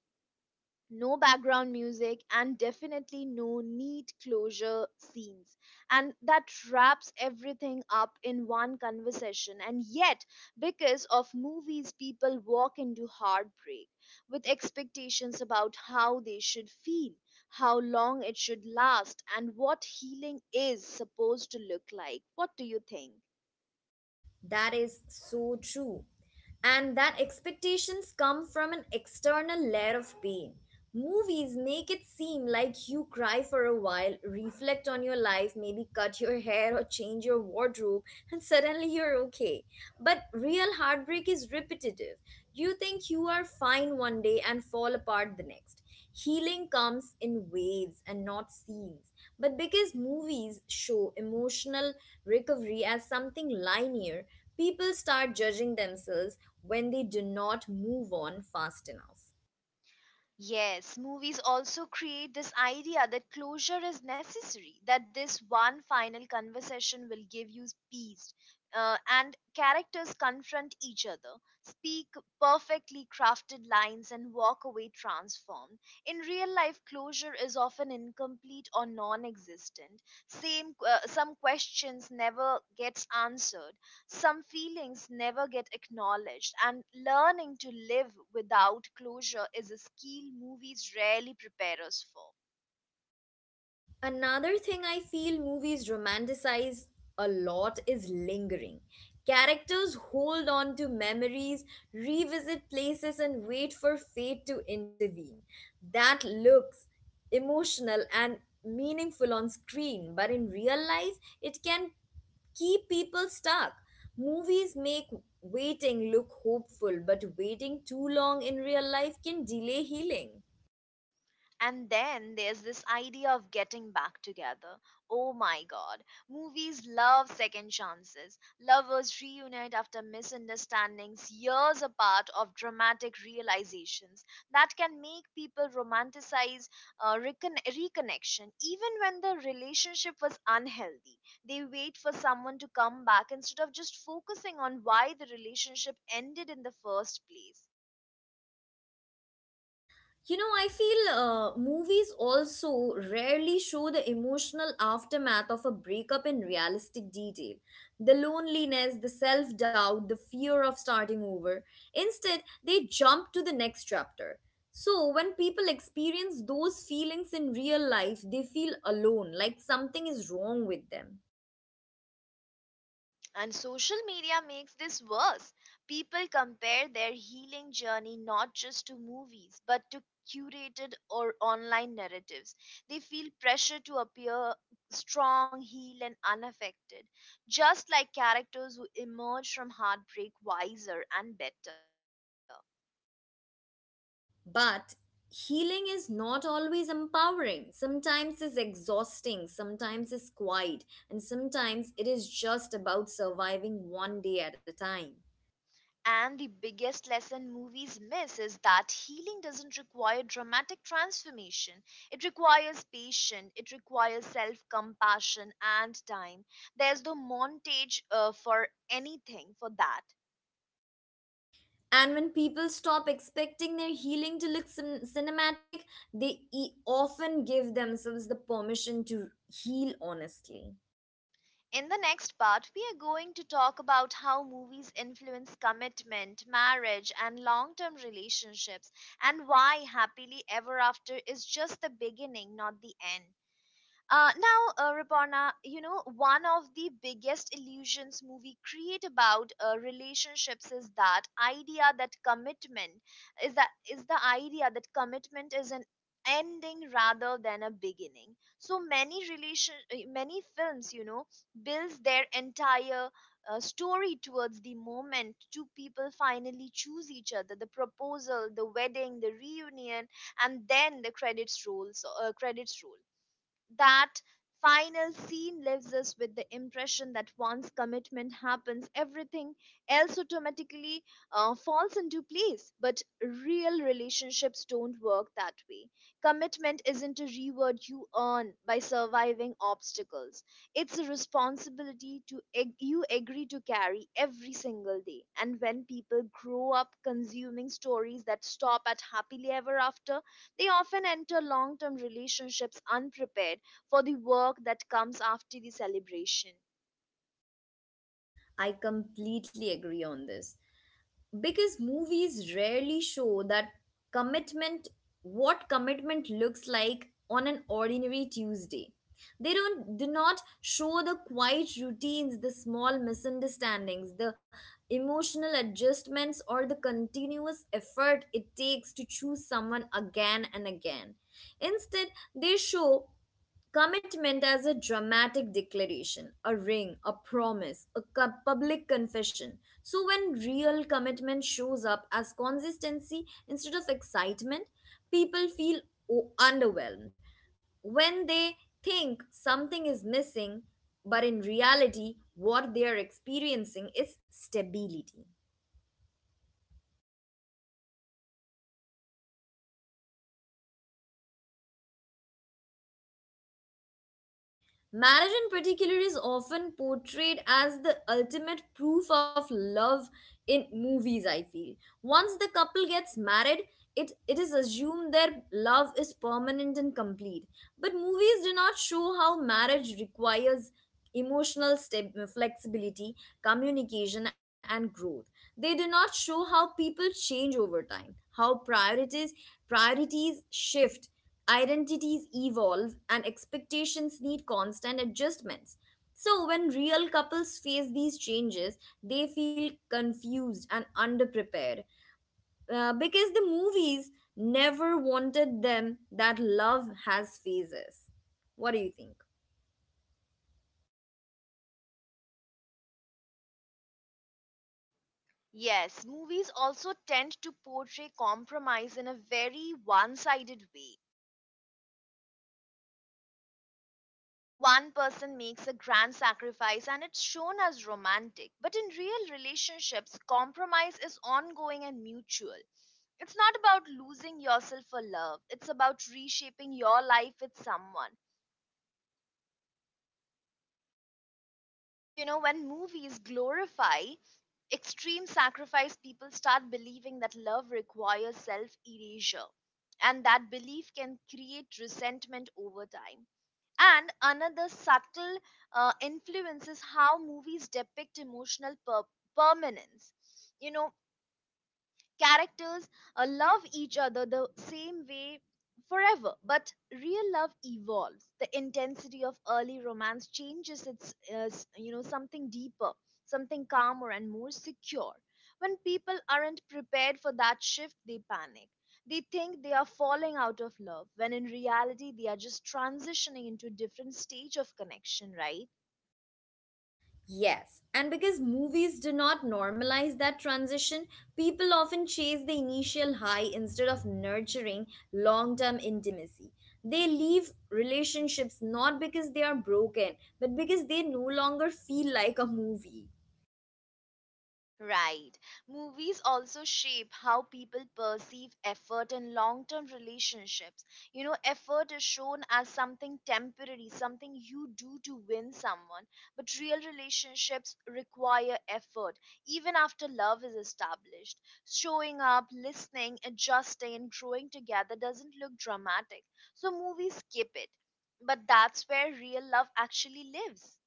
Speaker 1: no background music, and definitely no neat closure scenes and that wraps everything up in one conversation. And yet, because of movies, people walk into heartbreak with expectations about how they should feel, how long it should last, and what healing is supposed to look like. What do you think?
Speaker 2: That is so true. And that expectations come from an external layer of pain. Movies make it seem like you cry for a while, reflect on your life, maybe cut your <laughs> hair or change your wardrobe, and suddenly you're okay. But real heartbreak is repetitive. You think you are fine one day and fall apart the next. Healing comes in waves and not scenes. But because movies show emotional recovery as something linear, people start judging themselves when they do not move on fast enough.
Speaker 1: Yes, movies also create this idea that closure is necessary, that this one final conversation will give you peace. And characters confront each other, speak perfectly crafted lines, and walk away transformed. In real life, closure is often incomplete or non existent. Some questions never gets answered, some feelings never get acknowledged, and learning to live without closure is a skill movies rarely prepare us for.
Speaker 2: Another thing I feel movies romanticize a lot is lingering. Characters hold on to memories, revisit places, and wait for fate to intervene. That looks emotional and meaningful on screen, but in real life, it can keep people stuck. Movies make waiting look hopeful, but waiting too long in real life can delay healing.
Speaker 1: And then there's this idea of getting back together. Oh my god. Movies love second chances. Lovers reunite after misunderstandings, years apart of dramatic realizations that can make people romanticize reconnection even when the relationship was unhealthy. They wait for someone to come back instead of just focusing on why the relationship ended in the first place.
Speaker 2: You know, I feel movies also rarely show the emotional aftermath of a breakup in realistic detail. The loneliness, the self doubt, the fear of starting over. Instead, they jump to the next chapter. So, when people experience those feelings in real life, they feel alone, like something is wrong with them.
Speaker 1: And social media makes this worse. People compare their healing journey not just to movies, but to curated or online narratives. They feel pressure to appear strong, healed, and unaffected, just like characters who emerge from heartbreak wiser and better.
Speaker 2: But healing is not always empowering. Sometimes it's exhausting, sometimes it's quiet, and sometimes it is just about surviving one day at a time.
Speaker 1: And the biggest lesson movies miss is that healing doesn't require dramatic transformation. It requires patience, it requires self compassion and time. There's no montage for anything for that.
Speaker 2: And when people stop expecting their healing to look cinematic, they often give themselves the permission to heal honestly.
Speaker 1: In the next part, we are going to talk about how movies influence commitment, marriage, and long term relationships, and why Happily Ever After is just the beginning, not the end. Now, Ripana, one of the biggest illusions movie create about relationships is the idea that commitment is an ending rather than a beginning. So many relation many films, builds their entire story towards the moment two people finally choose each other, the proposal, the wedding, the reunion, and then the credits roll. That final scene leaves us with the impression that once commitment happens, everything else automatically falls into place. But real relationships don't work that way. Commitment isn't a reward you earn by surviving obstacles, it's a responsibility to you agree to carry every single day. And when people grow up consuming stories that stop at happily ever after, they often enter long term relationships unprepared for the work that comes after the celebration.
Speaker 2: I completely agree on this, because movies rarely show that commitment, what commitment looks like on an ordinary Tuesday. They don't do not show the quiet routines, the small misunderstandings, the emotional adjustments, or the continuous effort it takes to choose someone again and again. Instead, they show commitment as a dramatic declaration, a ring, a promise, a public confession. So, when real commitment shows up as consistency instead of excitement, people feel underwhelmed. When they think something is missing, but in reality, what they are experiencing is stability. Marriage, in particular, is often portrayed as the ultimate proof of love in movies, I feel. Once the couple gets married, it is assumed their love is permanent and complete. But movies do not show how marriage requires emotional flexibility, communication, and growth. They do not show how people change over time, how priorities shift, identities evolve, and expectations need constant adjustments. So, when real couples face these changes, they feel confused and underprepared, because the movies never wanted them that love has phases. What do you think?
Speaker 1: Yes, movies also tend to portray compromise in a very one sided way. One person makes a grand sacrifice and it's shown as romantic, but in real relationships, compromise is ongoing and mutual. It's not about losing yourself for love, it's about reshaping your life with someone. When movies glorify extreme sacrifice, people start believing that love requires self erasure. And that belief can create resentment over time. And another subtle influence is how movies depict emotional permanence. You know, characters love each other the same way forever, but real love evolves. The intensity of early romance changes its something deeper, something calmer and more secure. When people aren't prepared for that shift, they panic. They think they are falling out of love when in reality they are just transitioning into a different stage of connection, right?
Speaker 2: Yes, and because movies do not normalize that transition, people often chase the initial high instead of nurturing long term intimacy. They leave relationships not because they are broken, but because they no longer feel like a movie.
Speaker 1: Right. Movies also shape how people perceive effort in long term relationships. Effort is shown as something temporary, something you do to win someone. But real relationships require effort, even after love is established. Showing up, listening, adjusting, and growing together doesn't look dramatic. So movies skip it. But that's where real love actually lives.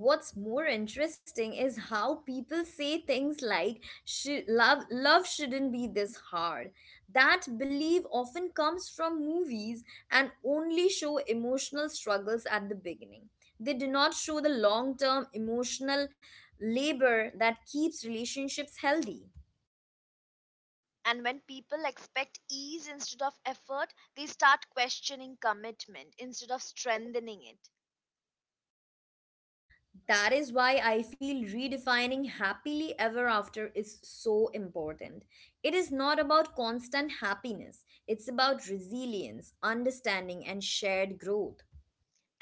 Speaker 2: What's more interesting is how people say things like, "Love shouldn't be this hard." That belief often comes from movies and only show emotional struggles at the beginning. They do not show the long-term emotional labor that keeps relationships healthy.
Speaker 1: And when people expect ease instead of effort, they start questioning commitment instead of strengthening it.
Speaker 2: That is why I feel redefining happily ever after is so important. It is not about constant happiness, it's about resilience, understanding, and shared growth.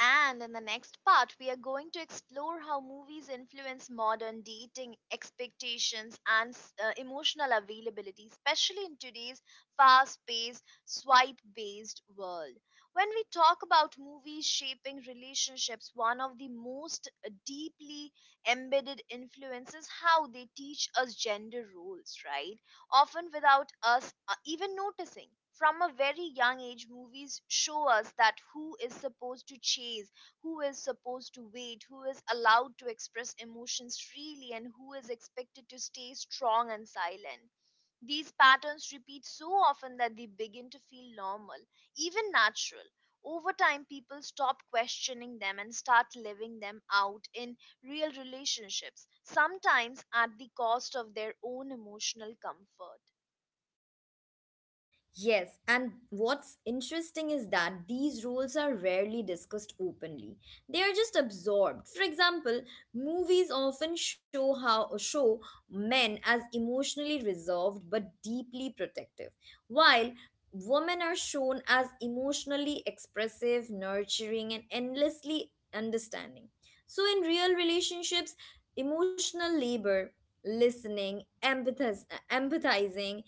Speaker 1: And in the next part, we are going to explore how movies influence modern dating expectations and emotional availability, especially in today's fast paced, swipe based world. When we talk about movies shaping relationships, one of the most deeply embedded influences how they teach us gender roles, right? Often without us even noticing. From a very young age, movies show us that who is supposed to chase, who is supposed to wait, who is allowed to express emotions freely, and who is expected to stay strong and silent. These patterns repeat so often that they begin to feel normal, even natural. Over time, people stop questioning them and start living them out in real relationships, sometimes at the cost of their own emotional comfort.
Speaker 2: Yes, and what's interesting is that these roles are rarely discussed openly. They are just absorbed. For example, movies often show men as emotionally reserved but deeply protective, while women are shown as emotionally expressive, nurturing, and endlessly understanding. So in real relationships, emotional labor, listening, empathizing,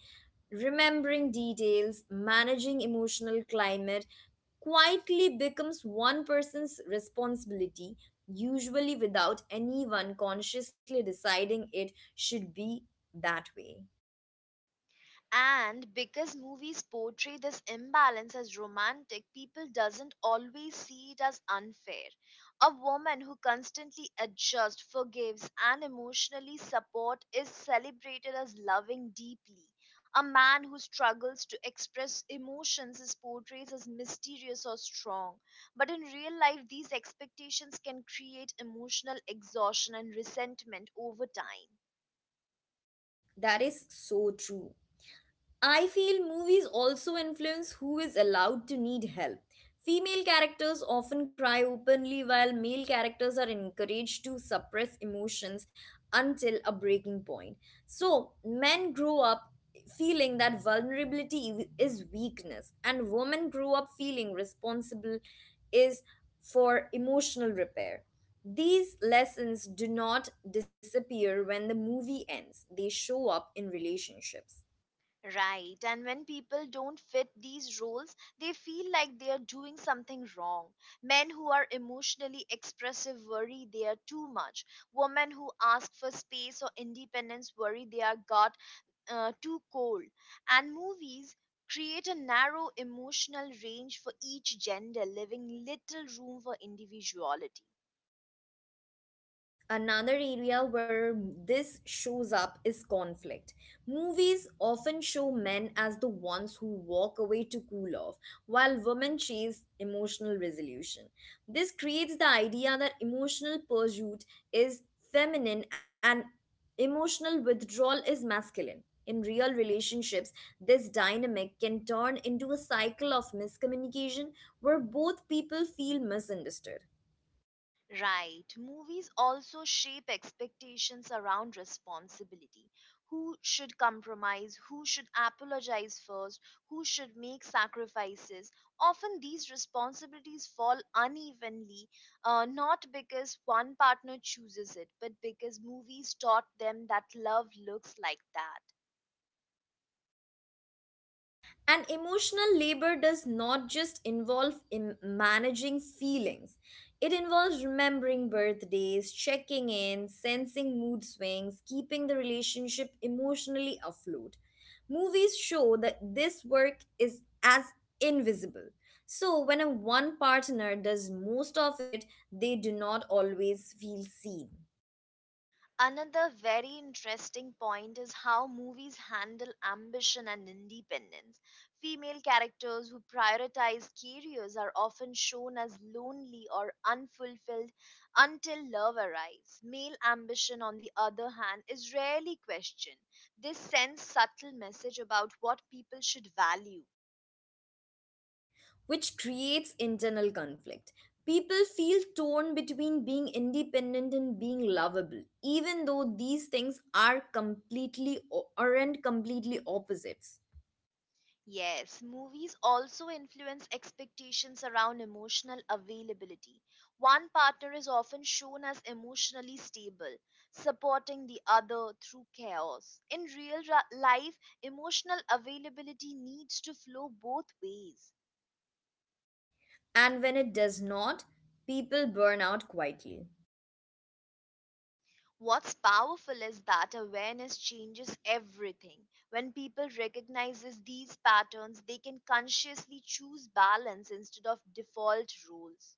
Speaker 2: remembering details, managing emotional climate, quietly becomes one person's responsibility, usually without anyone consciously deciding it should be that way.
Speaker 1: And because movies portray this imbalance as romantic, people doesn't always see it as unfair. A woman who constantly adjusts, forgives, and emotionally support is celebrated as loving deeply. A man who struggles to express emotions is portrayed as mysterious or strong. But in real life these expectations can create emotional exhaustion and resentment over time.
Speaker 2: That is so true. I feel movies also influence who is allowed to need help. Female characters often cry openly, while male characters are encouraged to suppress emotions until a breaking point. So, men grow up feeling that vulnerability is weakness, and women grow up feeling responsible is for emotional repair. These lessons do not disappear when the movie ends, they show up in relationships.
Speaker 1: Right, and when people don't fit these roles, they feel like they are doing something wrong. Men who are emotionally expressive worry they are too much. Women who ask for space or independence worry they are got too cold. And movies create a narrow emotional range for each gender, leaving little room for individuality.
Speaker 2: Another area where this shows up is conflict. Movies often show men as the ones who walk away to cool off, while women chase emotional resolution. This creates the idea that emotional pursuit is feminine and emotional withdrawal is masculine. In real relationships, this dynamic can turn into a cycle of miscommunication where both people feel misunderstood.
Speaker 1: Right. Movies also shape expectations around responsibility. Who should compromise? Who should apologize first? Who should make sacrifices? Often these responsibilities fall unevenly, not because one partner chooses it, but because movies taught them that love looks like that.
Speaker 2: And emotional labor does not just involve managing feelings, it involves remembering birthdays, checking in, sensing mood swings, keeping the relationship emotionally afloat. Movies show that this work is as invisible. So, when a one partner does most of it, they do not always feel seen.
Speaker 1: Another very interesting point is how movies handle ambition and independence. Female characters who prioritize careers are often shown as lonely or unfulfilled until love arrives. Male ambition, on the other hand, is rarely questioned. This sends subtle message about what people should value.
Speaker 2: Which creates internal conflict. People feel torn between being independent and being lovable, even though these things are completely aren't completely opposites.
Speaker 1: Yes, movies also influence expectations around emotional availability. One partner is often shown as emotionally stable, supporting the other through chaos. In real life, emotional availability needs to flow both ways.
Speaker 2: And when it does not, people burn out quietly.
Speaker 1: What's powerful is that awareness changes everything. When people recognizes these patterns, they can consciously choose balance instead of default rules.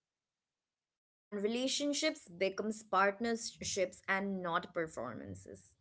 Speaker 2: And relationships becomes partnerships and not performances.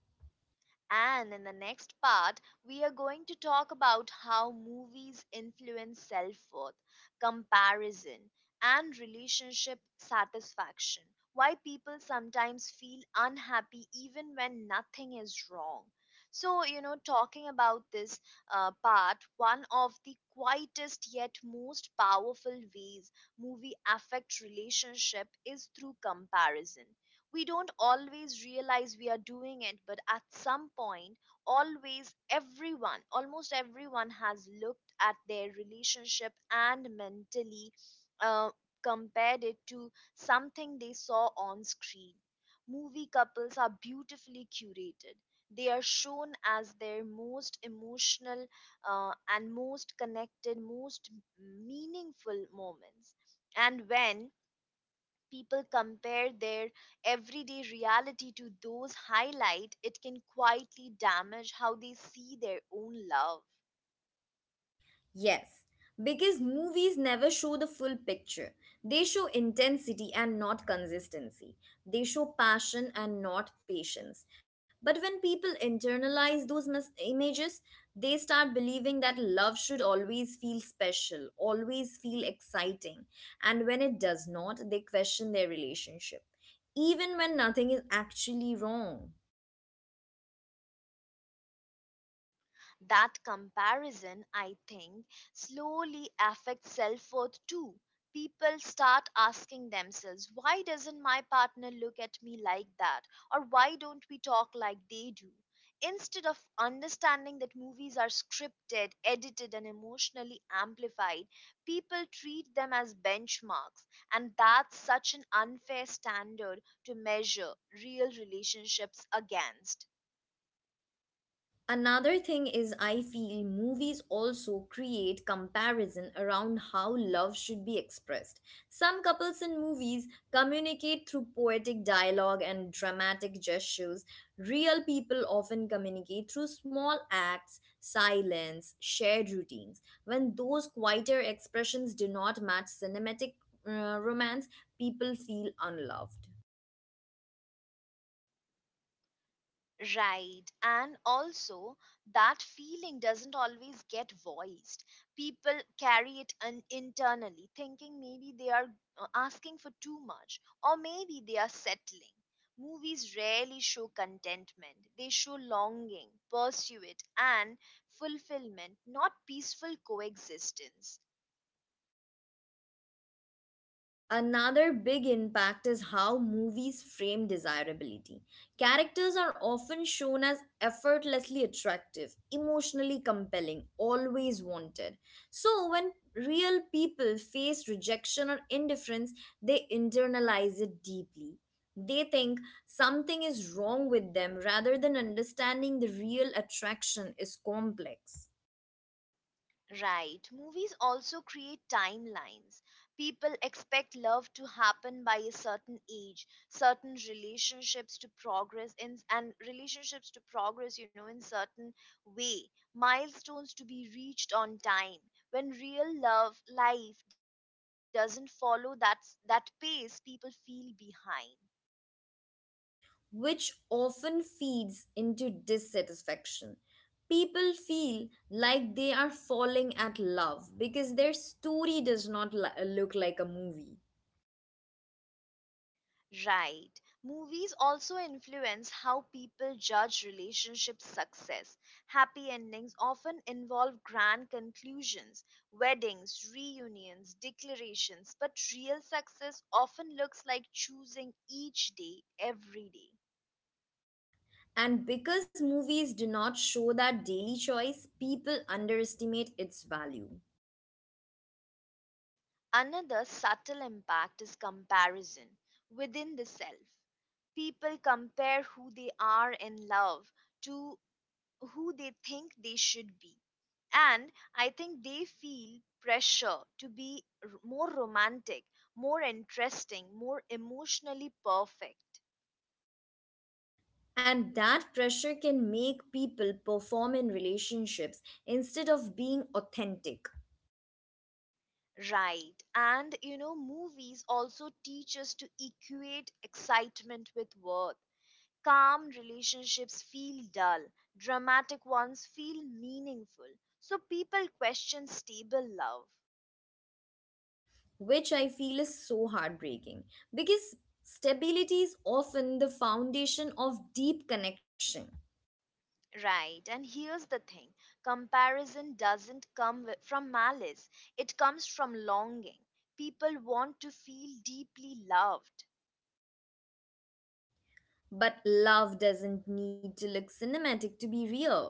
Speaker 1: And in the next part, we are going to talk about how movies influence self worth, comparison, and relationship satisfaction. Why people sometimes feel unhappy even when nothing is wrong. So, talking about this part, one of the quietest yet most powerful ways movie affect relationship is through comparison. We don't always realize we are doing it, but at some point, always everyone, almost everyone, has looked at their relationship and mentally uh, compared it to something they saw on screen. Movie couples are beautifully curated. They are shown as their most emotional and most connected, most meaningful moments. And when people compare their everyday reality to those highlight, it can quietly damage how they see their own love.
Speaker 2: Yes, because movies never show the full picture. They show intensity and not consistency. They show passion and not patience. But when people internalize those images, they start believing that love should always feel special, always feel exciting. And when it does not, they question their relationship, even when nothing is actually wrong.
Speaker 1: That comparison, I think, slowly affects self worth too. People start asking themselves, why doesn't my partner look at me like that? Or why don't we talk like they do? Instead of understanding that movies are scripted, edited, and emotionally amplified, people treat them as benchmarks. And that's such an unfair standard to measure real relationships against.
Speaker 2: Another thing is, I feel movies also create comparison around how love should be expressed. Some couples in movies communicate through poetic dialogue and dramatic gestures. Real people often communicate through small acts, silence, shared routines. When those quieter expressions do not match cinematic romance, people feel unloved.
Speaker 1: Right. And also, that feeling doesn't always get voiced. People carry it internally, thinking maybe they are asking for too much, or maybe they are settling. Movies rarely show contentment, they show longing, pursuit, and fulfillment, not peaceful coexistence.
Speaker 2: Another big impact is how movies frame desirability. Characters are often shown as effortlessly attractive, emotionally compelling, always wanted. So, when real people face rejection or indifference, they internalize it deeply. They think something is wrong with them rather than understanding the real attraction is complex.
Speaker 1: Right. Movies also create timelines. People expect love to happen by a certain age, certain relationships to progress in and relationships to progress, in certain way, milestones to be reached on time. When real love life doesn't follow that pace, people feel behind.
Speaker 2: Which often feeds into dissatisfaction. People feel like they are falling at love because their story does not look like a movie.
Speaker 1: Right. Movies also influence how people judge relationship success. Happy endings often involve grand conclusions, weddings, reunions, declarations, but real success often looks like choosing each day, every day.
Speaker 2: And because movies do not show that daily choice, people underestimate its value.
Speaker 1: Another subtle impact is comparison within the self. People compare who they are in love to who they think they should be. And I think they feel pressure to be more romantic, more interesting, more emotionally perfect.
Speaker 2: And that pressure can make people perform in relationships instead of being authentic.
Speaker 1: Right. And movies also teach us to equate excitement with worth. Calm relationships feel dull, dramatic ones feel meaningful. So people question stable love.
Speaker 2: Which I feel is so heartbreaking because stability is often the foundation of deep connection.
Speaker 1: Right, and here's the thing, comparison doesn't come from malice, it comes from longing. People want to feel deeply loved.
Speaker 2: But love doesn't need to look cinematic to be real.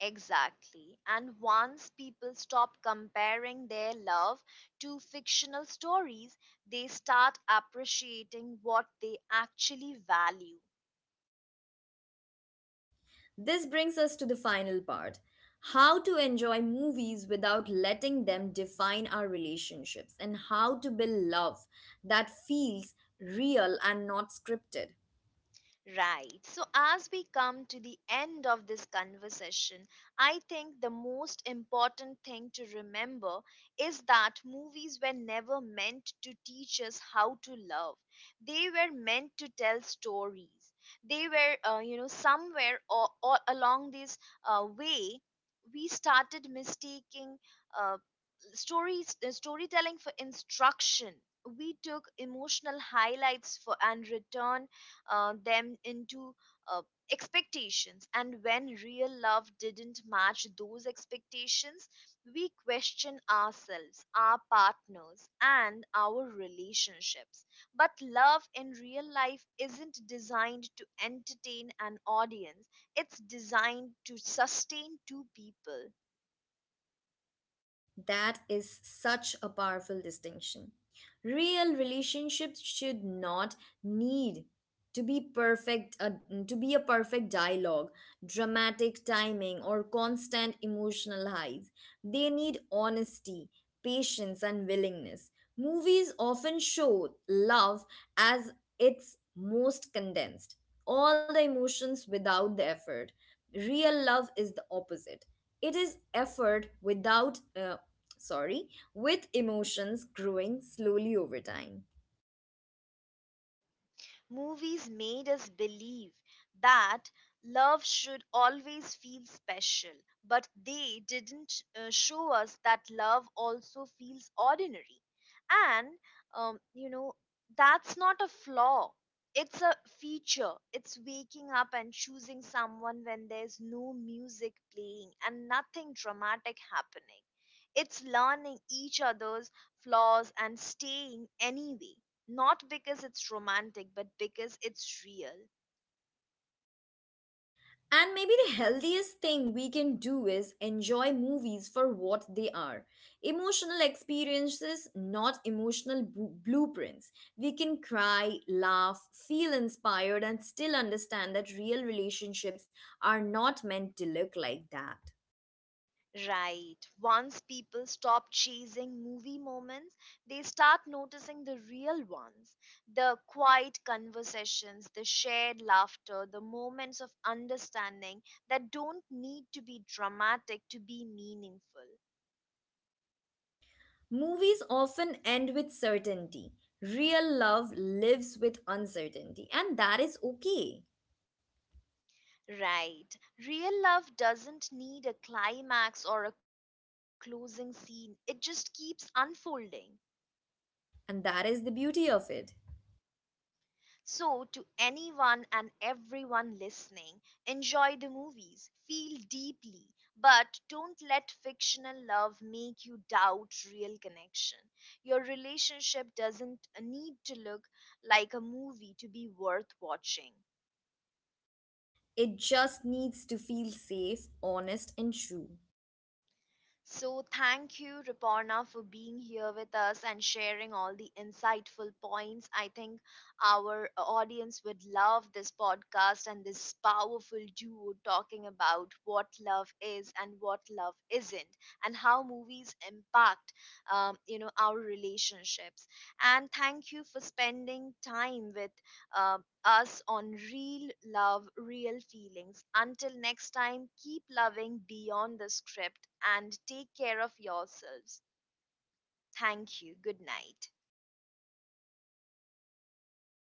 Speaker 1: Exactly. And once people stop comparing their love to fictional stories, they start appreciating what they actually value.
Speaker 2: This brings us to the final part, how to enjoy movies without letting them define our relationships, and how to build love that feels real and not scripted.
Speaker 1: Right. So, as we come to the end of this conversation, I think the most important thing to remember is that movies were never meant to teach us how to love. They were meant to tell stories. They were, somewhere or along this way, we started mistaking uh, stories storytelling for instruction. We took emotional highlights for and return them into uh, expectations, and when real love didn't match those expectations, we question ourselves, our partners, and our relationships. But love in real life isn't designed to entertain an audience, it's designed to sustain two people.
Speaker 2: That is such a powerful distinction. Real relationships should not need to be perfect to be a perfect dialogue, dramatic timing, or constant emotional highs. They need honesty, patience, and willingness. Movies often show love as its most condensed, all the emotions without the effort. Real love is the opposite, it is effort without sorry, with emotions growing slowly over time.
Speaker 1: Movies made us believe that love should always feel special, but they didn't show us that love also feels ordinary. And, um, you know, that's not a flaw. It's a feature. It's waking up and choosing someone when there's no music playing and nothing dramatic happening. It's learning each other's flaws and staying anyway. Not because it's romantic, but because it's real.
Speaker 2: And maybe the healthiest thing we can do is enjoy movies for what they are, emotional experiences, not emotional blueprints. We can cry, laugh, feel inspired, and still understand that real relationships are not meant to look like that.
Speaker 1: Right. Once people stop chasing movie moments, they start noticing the real ones, the quiet conversations, the shared laughter, the moments of understanding that don't need to be dramatic to be meaningful.
Speaker 2: Movies often end with certainty. Real love lives with uncertainty, and that is okay.
Speaker 1: Right. Real love doesn't need a climax or a closing scene, it just keeps unfolding.
Speaker 2: And that is the beauty of it.
Speaker 1: So, to anyone and everyone listening, enjoy the movies, feel deeply, but don't let fictional love make you doubt real connection. Your relationship doesn't need to look like a movie to be worth watching.
Speaker 2: It just needs to feel safe, honest, and true.
Speaker 1: So, thank you, Riporna, for being here with us and sharing all the insightful points. I think our audience would love this podcast and this powerful duo talking about what love is and what love isn't, and how movies impact, our relationships. And thank you for spending time with us on real love, real feelings. Until next time, keep loving beyond the script and take care of yourselves. Thank you. Good night.